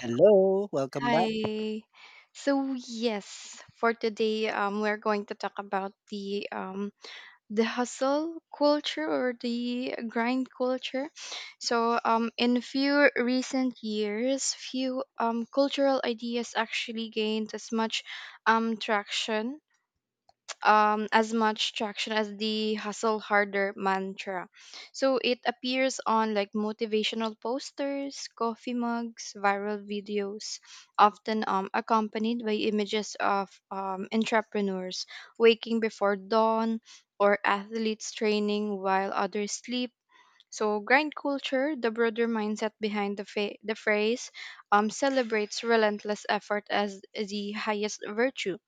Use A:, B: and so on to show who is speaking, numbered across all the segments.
A: Hello, welcome back.
B: Hi. So yes, for today, we're going to talk about the hustle culture or the grind culture. So in a few recent years, few cultural ideas actually gained um, traction as much traction as the hustle harder mantra. So it appears on like motivational posters, coffee mugs, viral videos, often accompanied by images of entrepreneurs waking before dawn or athletes training while others sleep. So, grind culture, the broader mindset behind the phrase, celebrates relentless effort as the highest virtue,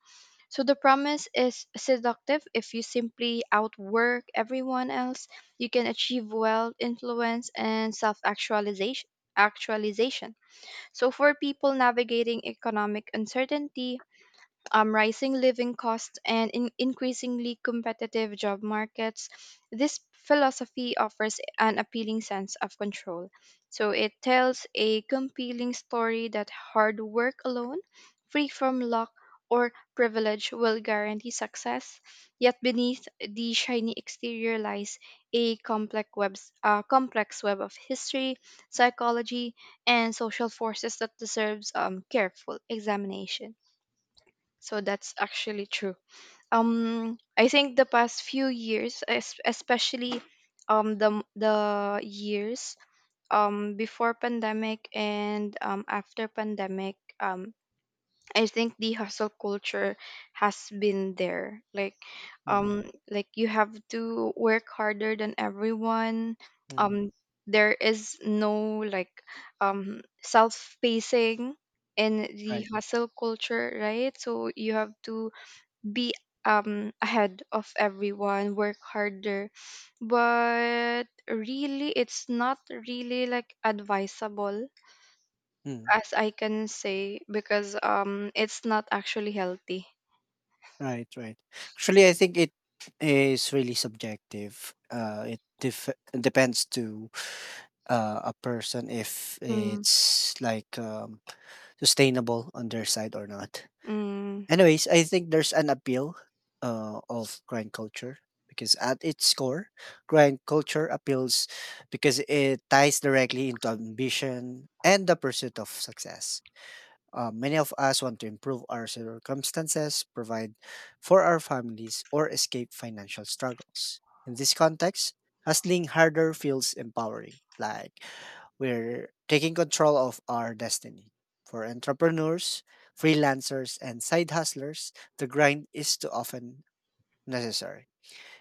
B: so the promise is seductive. If you simply outwork everyone else, you can achieve wealth, influence, and self actualization. So, for people navigating economic uncertainty, rising living costs, and in increasingly competitive job markets, this philosophy offers an appealing sense of control. So it tells a compelling story that hard work alone, free from luck or privilege, will guarantee success. Yet beneath the shiny exterior lies a complex web of history, psychology, and social forces that deserves careful examination. So that's actually true. I think the past few years, especially the years before pandemic and after pandemic. Um I think the hustle culture has been there. Like
A: Mm,
B: um like you have to work harder than everyone.
A: mm,
B: Um there is no like self-pacing in the
A: right,
B: hustle culture, right? So you have to be ahead of everyone, work harder. But really it's not really like advisable
A: mm,
B: as I can say, because it's not actually healthy.
A: right, right. Actually, I think it is really subjective. Depends to a person if
B: Mm,
A: it's like sustainable on their side or not.
B: mm,
A: Anyways, I think there's an appeal of grind culture because at its core, grind culture appeals because it ties directly into ambition and the pursuit of success. Many of us want to improve our circumstances, provide for our families, or escape financial struggles. In this context, hustling harder feels empowering, like we're taking control of our destiny. For entrepreneurs, freelancers, and side hustlers, the grind is too often necessary,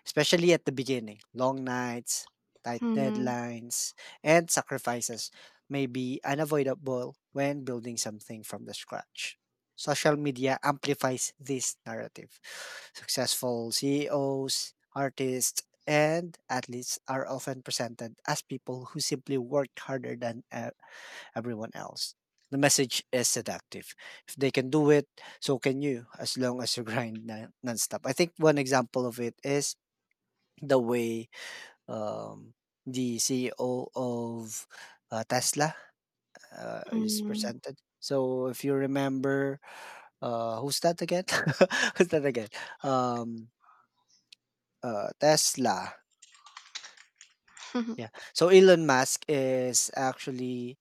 A: especially at the beginning. Long nights, tight
B: mm,
A: deadlines, and sacrifices may be unavoidable when building something from the scratch. Social media amplifies this narrative. Successful CEOs, artists, and athletes are often presented as people who simply worked harder than everyone else. The message is seductive. If they can do it, so can you as long as you grind nonstop. I think one example of it is the way um, the CEO of Tesla is
B: mm,
A: presented. So if you remember, who's that again? who's that again? Um, Tesla. Yeah. So Elon Musk is actually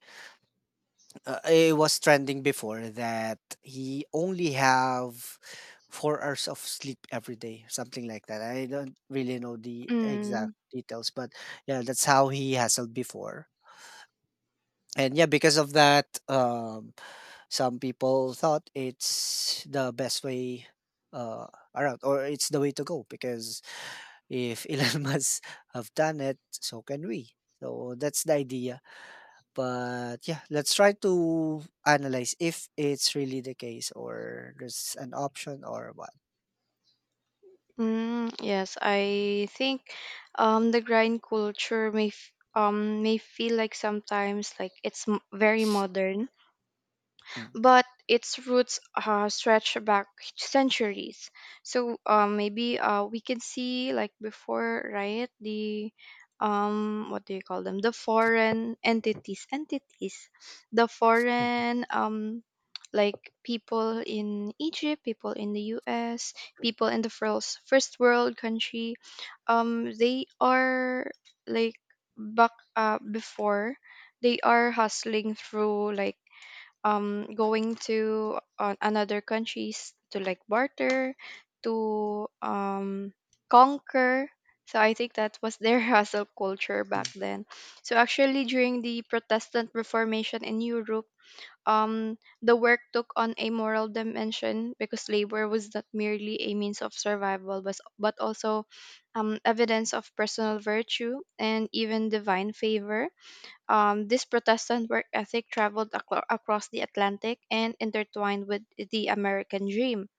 A: it was trending before that he only have 4 hours of sleep every day, something like that. I don't really know the exact
B: mm,
A: details, but yeah, that's how he hassled before. And yeah, because of that, some people thought it's the best way uh around, or it's the way to go, because if Elon Musk have done it, so can we. So that's the idea, but yeah, let's try to analyze if it's really the case, or there's an option or what.
B: mm. Yes, I think the grind culture may feel like sometimes like it's very modern, but its roots stretch back centuries. So maybe we can see, like before, right? The What do you call them? The foreign entities, the
A: Mm.
B: foreign, like people in Egypt, people in the U.S., people in the first world country. They are like back before, they are hustling through, like going to another countries to like barter, to conquer. So I think that was their hustle culture back
A: Mm,
B: then. So actually, during the Protestant Reformation in Europe, the work took on a moral dimension, because labor was not merely a means of survival, but also evidence of personal virtue and even divine favor. Um, this Protestant work ethic traveled aclo across the Atlantic and intertwined with the American dream,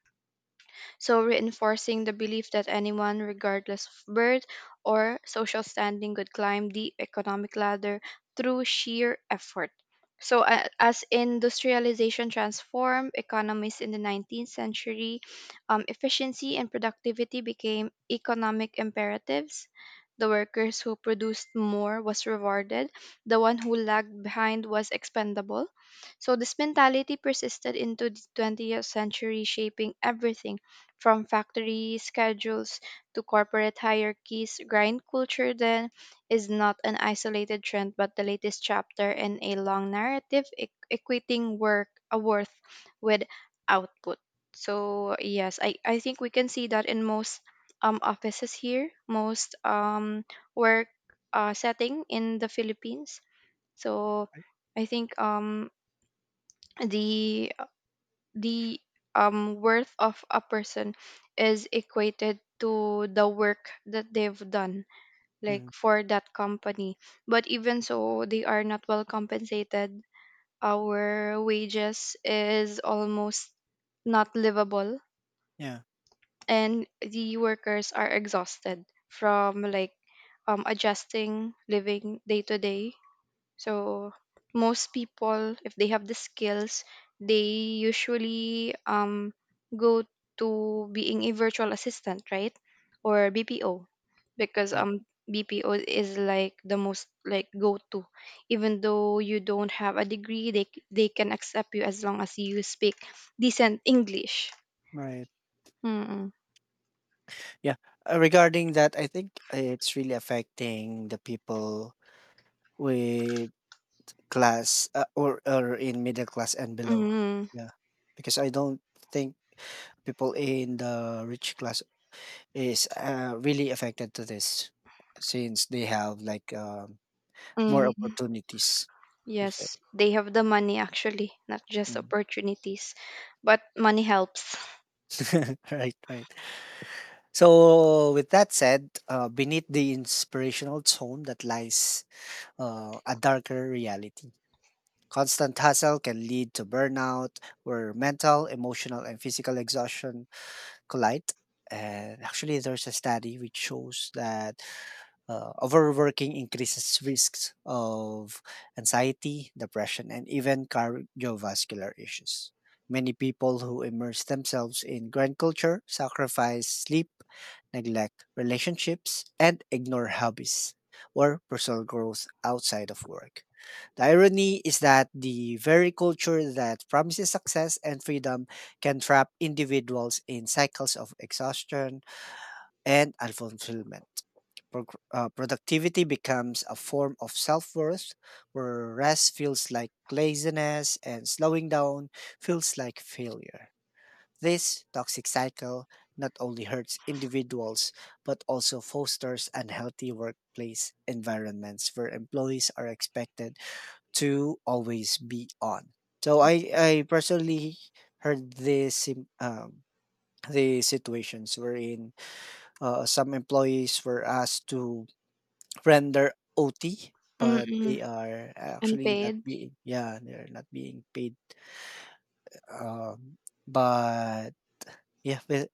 B: so reinforcing the belief that anyone, regardless of birth or social standing, could climb the economic ladder through sheer effort. So, as industrialization transformed economies in the 19th century, efficiency and productivity became economic imperatives. The workers who produced more was rewarded. The one who lagged behind was expendable. So this mentality persisted into the 20th century, shaping everything from factory schedules to corporate hierarchies. Grind culture then is not an isolated trend but the latest chapter in a long narrative equating work a worth with output. So yes, I think we can see that in most offices here, most work setting in the Philippines. So I think the the worth of a person is equated to the work that they've done, like
A: mhm.
B: for that company. But even so, they are not well compensated. Our wages is almost not livable,
A: Yeah.
B: and the workers are exhausted from, like, adjusting living day to day. So most people, if they have the skills, they usually go to being a virtual assistant, right? Or BPO, because
A: Right.
B: BPO is like the most like go to. Even though you don't have a degree, they can accept you as long as you speak decent English.
A: Right.
B: Mm-mm.
A: Yeah. Regarding that, I think it's really affecting the people with class, or in middle class and below.
B: Mm-hmm.
A: Yeah, because I don't think people in the rich class is really affected to this, since they have like more
B: Mm-hmm.
A: opportunities per se.
B: Yes, they have the money actually, not just
A: Mm.
B: opportunities, but money helps.
A: Right, right. So, with that said, beneath the inspirational tone that lies a darker reality. Constant hustle can lead to burnout, where mental, emotional, and physical exhaustion collide. And actually, there's a study which shows that overworking increases risks of anxiety, depression, and even cardiovascular issues. Many people who immerse themselves in grind culture sacrifice sleep, neglect relationships, and ignore hobbies or personal growth outside of work. The irony is that the very culture that promises success and freedom can trap individuals in cycles of exhaustion and unfulfillment. Productivity becomes a form of self worth, where rest feels like laziness and slowing down feels like failure. This toxic cycle not only hurts individuals but also fosters unhealthy workplace environments where employees are expected to always be on. So I personally heard this um, the situations wherein some employees were asked to render OT, but
B: Mm-mm.
A: they are actually not
B: Unpaid.
A: being, yeah, they're not being paid. Um, but yeah, but,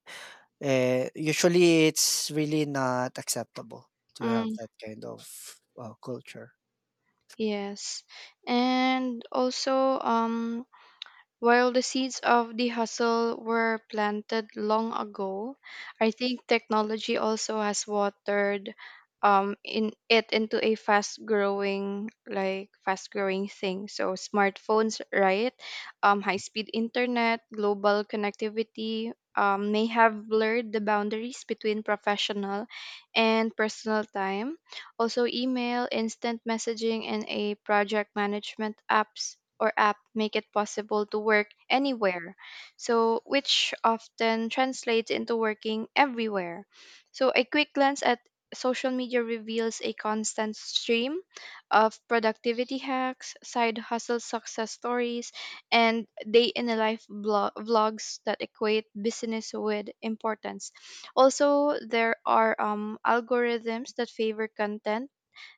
A: uh, usually it's really not acceptable to have
B: Mm,
A: that kind of culture.
B: yes. And also, while the seeds of the hustle were planted long ago, I think technology also has watered in it into a fast growing thing. So smartphones, right? High speed internet, global connectivity may have blurred the boundaries between professional and personal time. Also, email, instant messaging, and a project management apps or app make it possible to work anywhere, so, which often translates into working everywhere. So, a quick glance at social media reveals a constant stream of productivity hacks, side hustle success stories, and day in a life vlogs that equate business with importance. Also, there are algorithms that favor content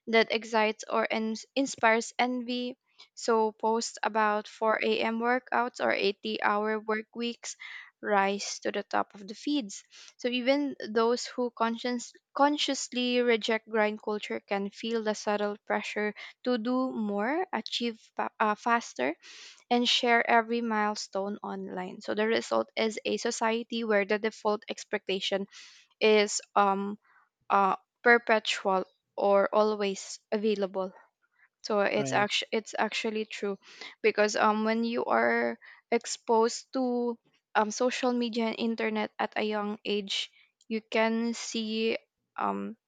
B: that excites or inspires envy. So posts about 4 a.m. workouts or 80-hour work weeks rise to the top of the feeds. So even those who consciously reject grind culture can feel the subtle pressure to do more, achieve faster, and share every milestone online. So the result is a society where the default expectation is uh, perpetual, or always available. So it's
A: Right.
B: actually it's actually true, because when you are exposed to social media and internet at a young age, you can see, um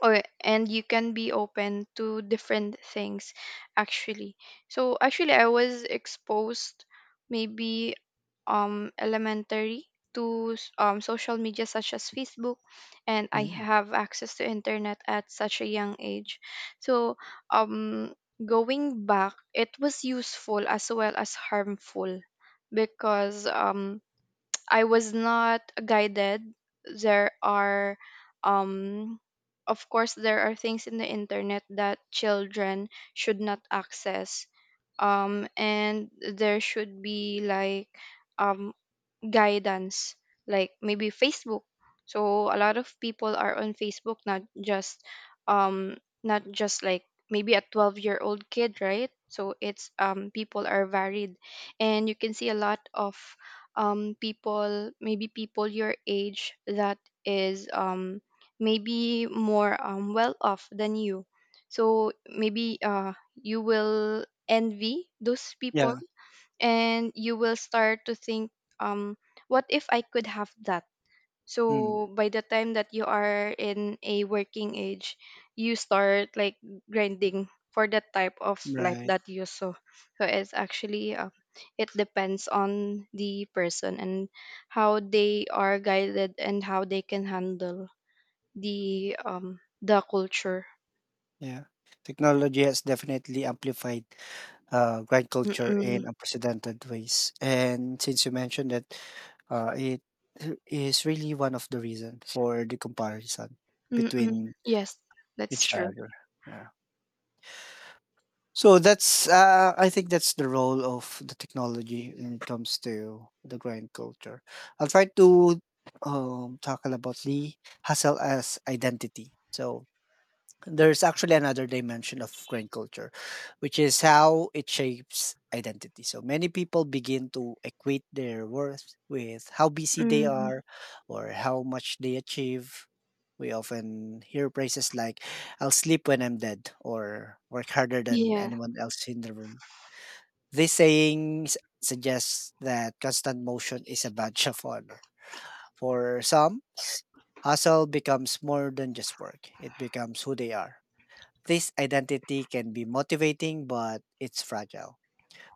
B: or and you can be open to different things, actually. So actually I was exposed, maybe elementary, to social media such as Facebook, and I
A: Mm.
B: have access to internet at such a young age. So, um going back, it was useful as well as harmful, because I was not guided. There are, um, of course, there are things in the internet that children should not access. And there should be like, um guidance, like maybe Facebook. So a lot of people are on Facebook, um not just like maybe a 12-year-old kid, right? So it's, people are varied, and you can see a lot of people, maybe people your age, that is maybe more well off than you. So maybe you will envy those people,
A: Yeah.
B: and you will start to think, um what if I could have that.
A: Mm.
B: So by the time that you are in a working age, you start like grinding for that type of life
A: Right.
B: that you saw. So it depends on the person, and how they are guided, and how they can handle the culture.
A: Yeah. Technology has definitely amplified grind culture
B: Mm-mm.
A: in unprecedented ways. And since you mentioned that, it is really one of the reasons for the comparison
B: Mm-mm.
A: between
B: Yes, that's
A: each
B: true.
A: other. Yeah. So that's I think that's the role of the technology when it comes to the grind culture. I'll try to tackle about the hustle as identity. So there's actually another dimension of grind culture, which is how it shapes identity. So many people begin to equate their worth with how busy they
B: Mm.
A: are or how much they achieve. We often hear phrases like, "I'll sleep when I'm dead," or "work harder than
B: Yeah,
A: anyone else in the room." These sayings suggest that constant motion is a badge of honor. For some, hustle becomes more than just work, it becomes who they are. This identity can be motivating, but it's fragile.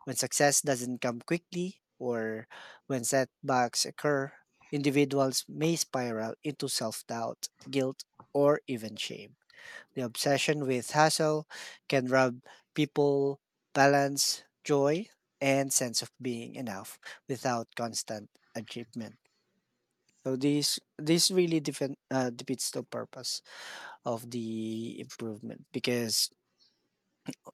A: When success doesn't come quickly or when setbacks occur, individuals may spiral into self doubt, guilt, or even shame. The obsession with hustle can rob people balance, joy, and sense of being enough without constant achievement. So this really defeats the purpose of the improvement, because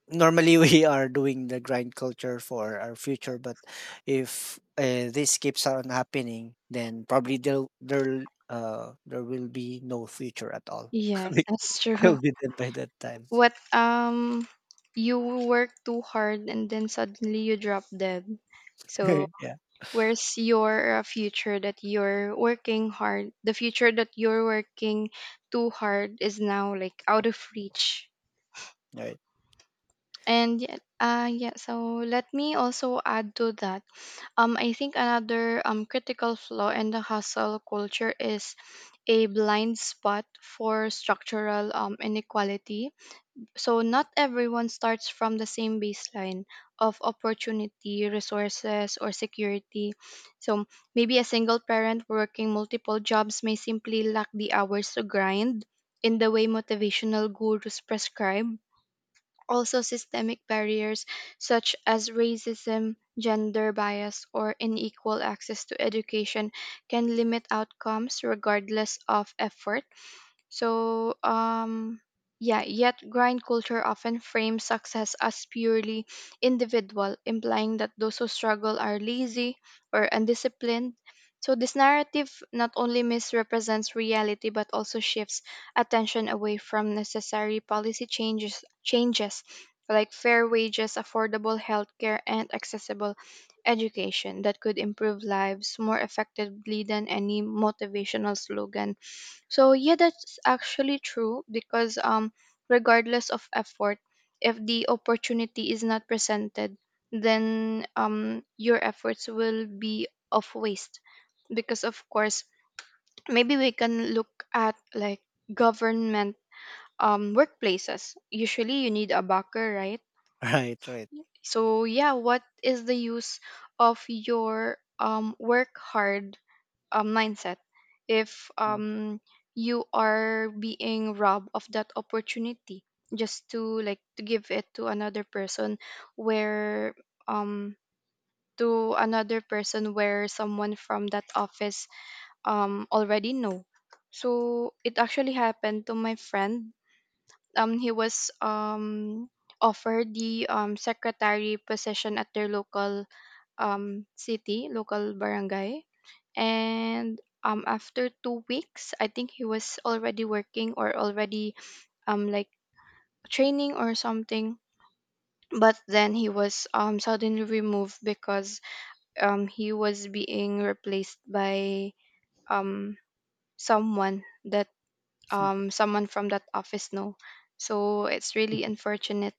A: normally we are doing the grind culture for our future, but if this keeps on happening, then probably there will be no future at all
B: yes,
A: because
B: that's true.
A: they'll be dead by that time.
B: What You work too hard and then suddenly you drop dead. So
A: Yeah.
B: where's your future that you're working hard? The future that you're working too hard is now like out of reach.
A: right
B: And yeah, so let me also add to that. I think another critical flaw in the hustle culture is a blind spot for structural inequality. So not everyone starts from the same baseline of opportunity, resources, or security. So maybe a single parent working multiple jobs may simply lack the hours to grind in the way motivational gurus prescribe. Also, systemic barriers such as racism, gender bias, or unequal access to education can limit outcomes regardless of effort. So, yeah, yet grind culture often frames success as purely individual, implying that those who struggle are lazy or undisciplined. So, this narrative not only misrepresents reality but also shifts attention away from necessary policy changes like fair wages, affordable healthcare, and accessible education that could improve lives more effectively than any motivational slogan. So yeah, that's actually true, because regardless of effort, if the opportunity is not presented, then your efforts will be of waste, because of course, maybe we can look at, like, government workplaces. Usually you need a backer, right?
A: right right
B: So yeah, what is the use of your work hard mindset? If, you are being robbed of that opportunity just to, like, to give it to another person, where um, where someone from that office already know. So it actually happened to my friend. He was offered the secretary position at their local city, local barangay, and after 2 weeks, I think he was already working, or already like training or something. But then he was suddenly removed, because he was being replaced by um someone that
A: Mm.
B: someone from that office know. So it's really unfortunate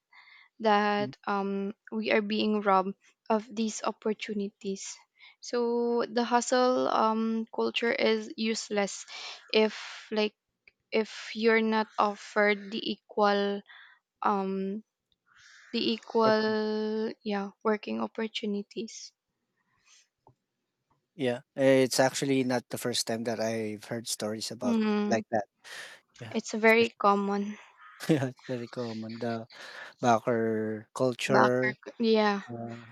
A: Mm,
B: that, we are being robbed of these opportunities. So the hustle culture is useless if like if you're not offered the equal um the
A: opportunity.
B: equal, yeah, working opportunities.
A: Yeah, it's actually not the first time that I've heard stories about
B: Mm,
A: like that. Yeah,
B: it's very
A: especially.
B: common,
A: Yeah, it's very common, the backer culture.
B: backer. Yeah.
A: uh,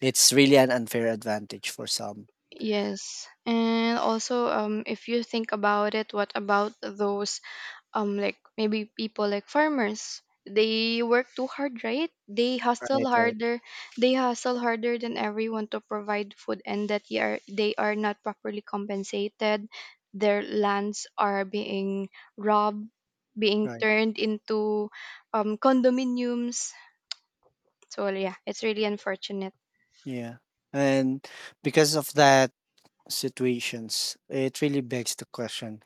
A: it's really an unfair advantage for some.
B: Yes. And also if you think about it, what about those like maybe people like farmers? They work too hard, right? They
A: Right, right,
B: hustle harder than everyone to provide food, and that they are not properly compensated. Their lands are being robbed, being
A: right.
B: turned into condominiums. So yeah, it's really unfortunate.
A: Yeah. And because of that situations, it really begs the question,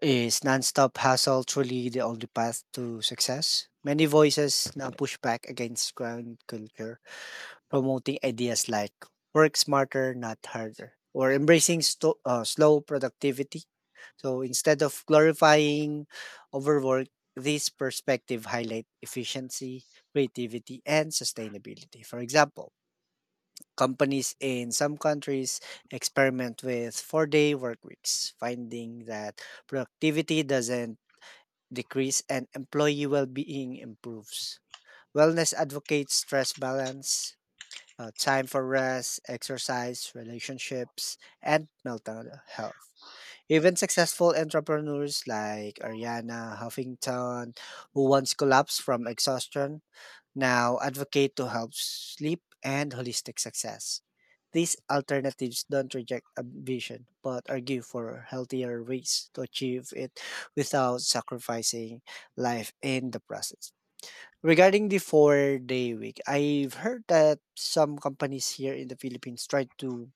A: is nonstop hustle truly the only path to success? Many voices now push back against grind culture, promoting ideas like "work smarter, not harder," or embracing slow productivity. So instead of glorifying overwork, this perspective highlight efficiency, creativity, and sustainability. For example, companies in some countries experiment with four-day work weeks, finding that productivity doesn't decrease and employee well-being improves. Wellness advocates stress balance, time for rest, exercise, relationships, and mental health. Even successful entrepreneurs like Ariana Huffington, who once collapsed from exhaustion, now advocate to help sleep and holistic success. These alternatives don't reject ambition, but argue for healthier ways to achieve it without sacrificing life in the process. Regarding the four-day week, I've heard that some companies here in the Philippines try to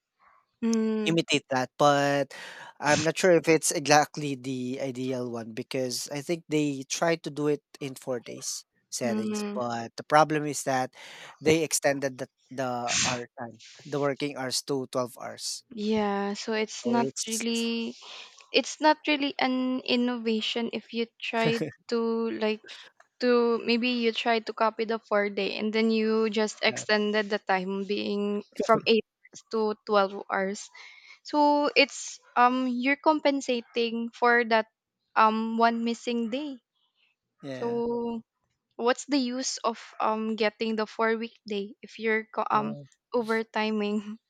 B: mm,
A: imitate that, but I'm not sure if it's exactly the ideal one, because I think they try to do it in 4 days settings,
B: mm,
A: but the problem is that they extended the hour time, the working hours to 12 hours.
B: yeah, so it's
A: So it's
B: not really an innovation if you try to like to maybe you try to copy the 4 day and then you just
A: yeah,
B: extended the time being from 8 hours to 12 hours. So it's you're compensating for that one missing day.
A: yeah.
B: So what's the use of getting the 4 week day if you're
A: Uh,
B: overtiming?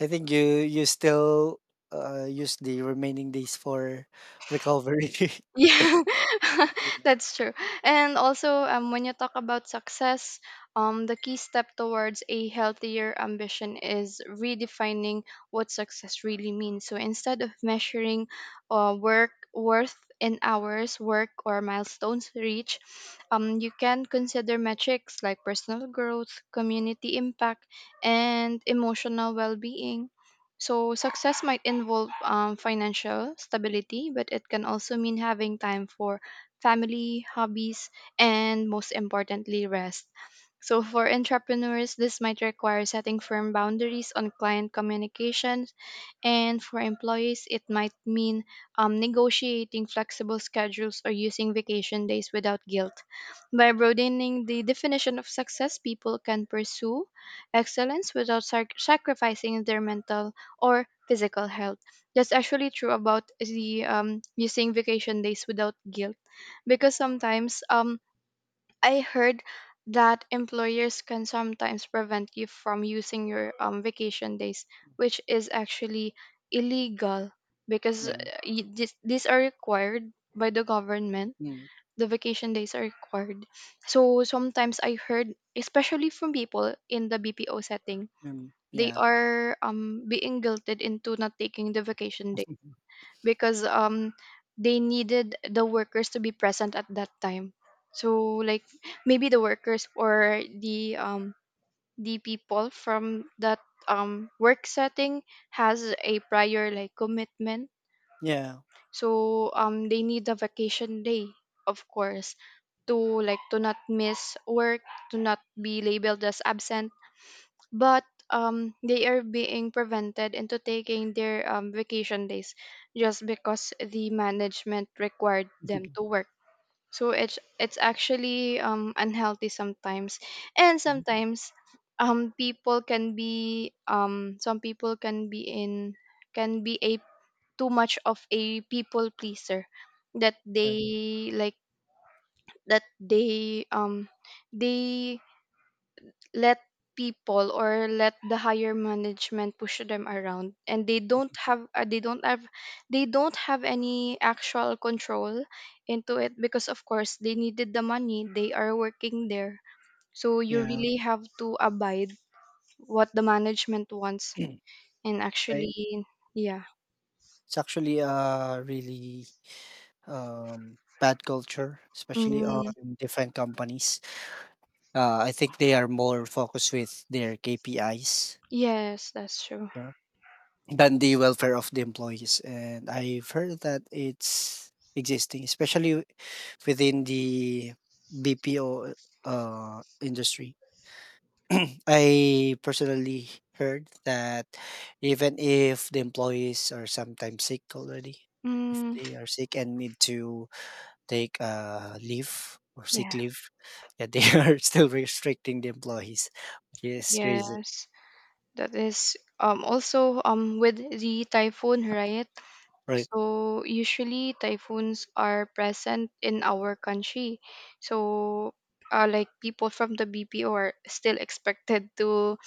A: I think you still use the remaining days for recovery.
B: Yeah, that's true. And also, when you talk about success, the key step towards a healthier ambition is redefining what success really means. So instead of measuring work worth in hours, work, or milestones reached, you can consider metrics like personal growth, community impact, and emotional well being. So success might involve financial stability, but it can also mean having time for family, hobbies, and most importantly, rest. So for entrepreneurs, this might require setting firm boundaries on client communication, and for employees, it might mean negotiating flexible schedules or using vacation days without guilt. By broadening the definition of success, people can pursue excellence without sacrificing their mental or physical health. That's actually true about the using vacation days without guilt, because sometimes I heard that employers can sometimes prevent you from using your vacation days, which is actually illegal because
A: Yeah.
B: these are required by the government.
A: Mm,
B: The vacation days are required. So sometimes I heard, especially from people in the BPO setting, they
A: yeah.
B: are being guilted into not taking the vacation day because they needed the workers to be present at that time. So like maybe the workers or the people from that work setting has a prior like commitment.
A: Yeah.
B: So they need a vacation day, of course, to not miss work, to not be labeled as absent. But they are being prevented into taking their vacation days just because the management required them to work. So it's actually unhealthy sometimes, and
A: Mhm.
B: sometimes people can be some people can be a too much of a people pleaser that
A: Right.
B: they like that they they let people or let the higher management push them around. And they don't have they don't have they don't have any actual control into it, because of course they needed the money, they are working there. So you
A: Yeah.
B: really have to abide what the management wants. And
A: Eh,
B: actually yeah.
A: It's actually a really bad culture, especially
B: Mm,
A: on different companies. I think they are more focused with their KPIs
B: yes, that's true.
A: yeah, than the welfare of the employees, and I've heard that it's existing, especially within the BPO industry. I personally heard that even if the employees are sometimes sick already, if
B: Mm,
A: they are sick and need to take leave or sick
B: yeah,
A: leave, yeah, they are still restricting the employees, which is crazy,
B: yes, that is also with the typhoon, right?
A: right?
B: So usually typhoons are present in our country. So like people from the BPO are still expected to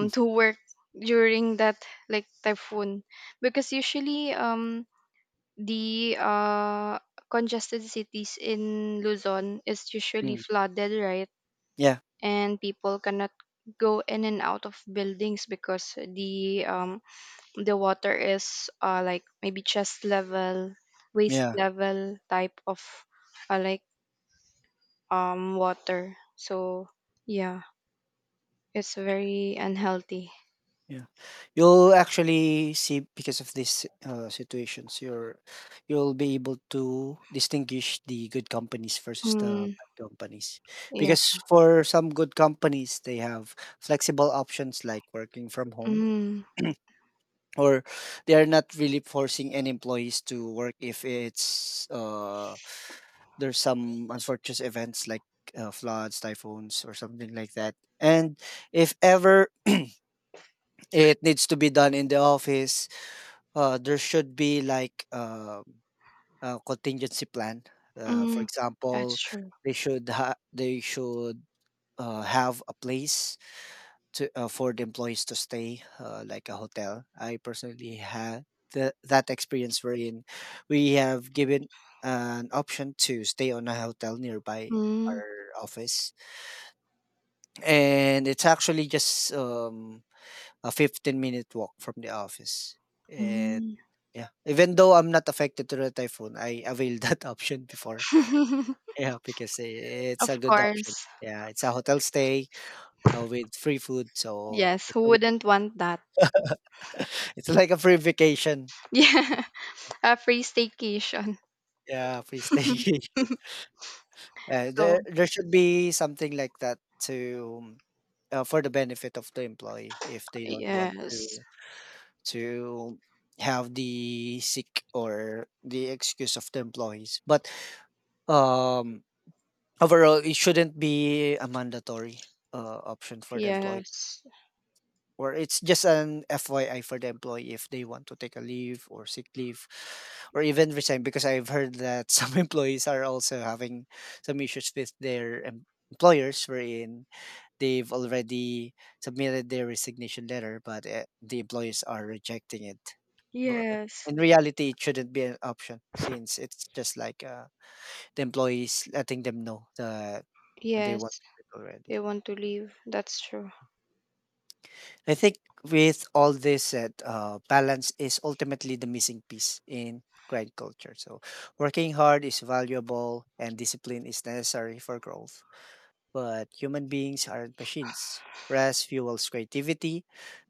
A: Mm,
B: to work during that like typhoon, because usually the congested cities in Luzon is usually
A: mm.
B: flooded, right?
A: Yeah,
B: And people cannot go in and out of buildings because the water is like maybe chest level, waist
A: yeah.
B: level type of uh, like water. So yeah, it's very unhealthy.
A: Yeah. You'll actually see, because of these situations, you'll be able to distinguish the good companies versus the
B: Mm,
A: bad companies.
B: yeah.
A: Because for some good companies, they have flexible options like working from home,
B: Mm,
A: or they are not really forcing any employees to work if it's there's some unfortunate events like floods, typhoons, or something like that. And if ever it needs to be done in the office, there should be like a contingency plan. For
B: mm, that's
A: example,
B: true.
A: they should have a place to for the employees to stay, like a hotel. I personally had that experience wherein we have given an option to stay on a hotel nearby
B: Mm,
A: our office, and it's actually just a 15 minute walk from the office. And
B: mm.
A: yeah, even though I'm not affected to the typhoon, I availed that option before. Yeah, because I it's
B: Of
A: a good option.
B: course.
A: Yeah, it's a hotel stay with free food, so
B: Yes,
A: it's
B: who
A: a good-
B: wouldn't want that?
A: it's like a free vacation.
B: Yeah, a free staycation.
A: Yeah, free staycation.
B: So
A: There should be something like that to for the benefit of the employee if they don't want to
B: yes,
A: to have the sick or the excuse of the employees. But um, overall, it shouldn't be a mandatory option for the employee,
B: yes,
A: or it's just an FYI for the employee if they want to take a leave or sick leave, or even resign. Because I've heard that some employees are also having some issues with their employers, wherein they've already submitted their resignation letter, but the employers are rejecting it. But
B: yes,
A: in reality, it shouldn't be an option since it's just like the employees letting them know the. They want
B: yes.
A: to quit already.
B: They want to leave. That's true.
A: I think with all this said, balance is ultimately the missing piece in grind culture. So working hard is valuable and discipline is necessary for growth. But human beings aren't machines. Rest fuels creativity,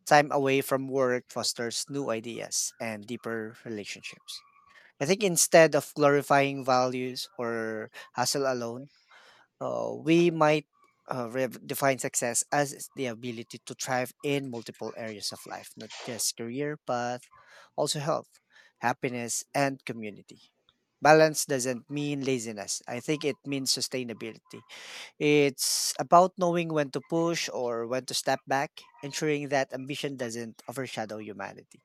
A: time away from work fosters new ideas and deeper relationships. I think instead of glorifying values or hustle alone, we might rev define success as the ability to thrive in multiple areas of life, not just career, but also health, happiness, and community. Balance doesn't mean laziness. I think it means sustainability. It's about knowing when to push or when to step back, ensuring that ambition doesn't overshadow humanity.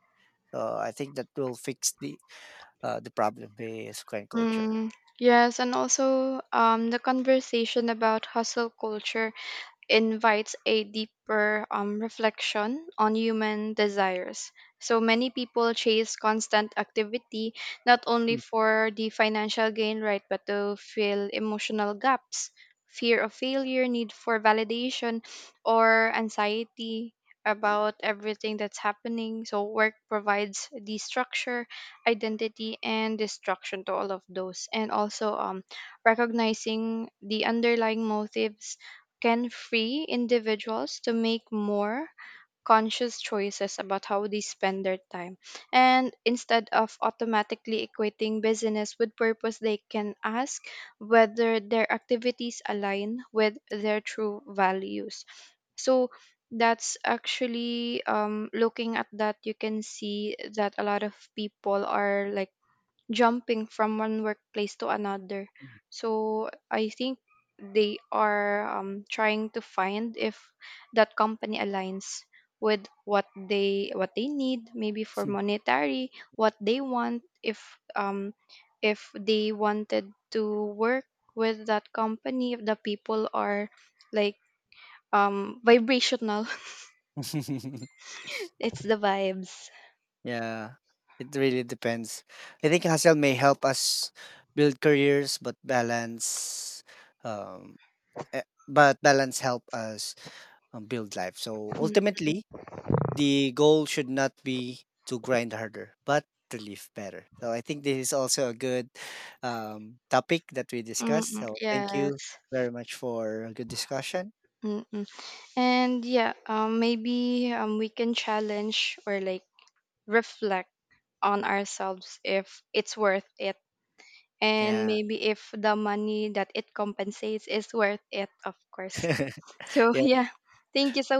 A: So I think that will fix the problem with Korean culture.
B: Mm, yes, and also the conversation about hustle culture invites a deeper reflection on human desires. So many people chase constant activity not only
A: Mm.
B: for the financial gain, right, but to fill emotional gaps, fear of failure, need for validation, or anxiety about everything that's happening. So work provides the structure, identity, and destruction to all of those. And also recognizing the underlying motives can free individuals to make more conscious choices about how they spend their time. And instead of automatically equating busyness with purpose, they can ask whether their activities align with their true values. So that's actually looking at that, you can see that a lot of people are like jumping from one workplace to another. So I think they are trying to find if that company aligns with what they need, maybe for monetary, what they want, if they wanted to work with that company, if the people are like vibrational it's the vibes.
A: Yeah, it really depends. I think hustle may help us build careers, but um, eh, balance help us build life. So
B: Mm,
A: ultimately, the goal should not be to grind harder, but to live better. So I think this is also a good topic that we
B: mm,
A: discussed.
B: mm,
A: So thank
B: yes.
A: you very much for a good discussion.
B: Mm, and yeah, maybe we can challenge or like reflect on ourselves if it's worth it. And
A: Yeah.
B: maybe if the money that it compensates is worth it, of course. So yeah, thank you so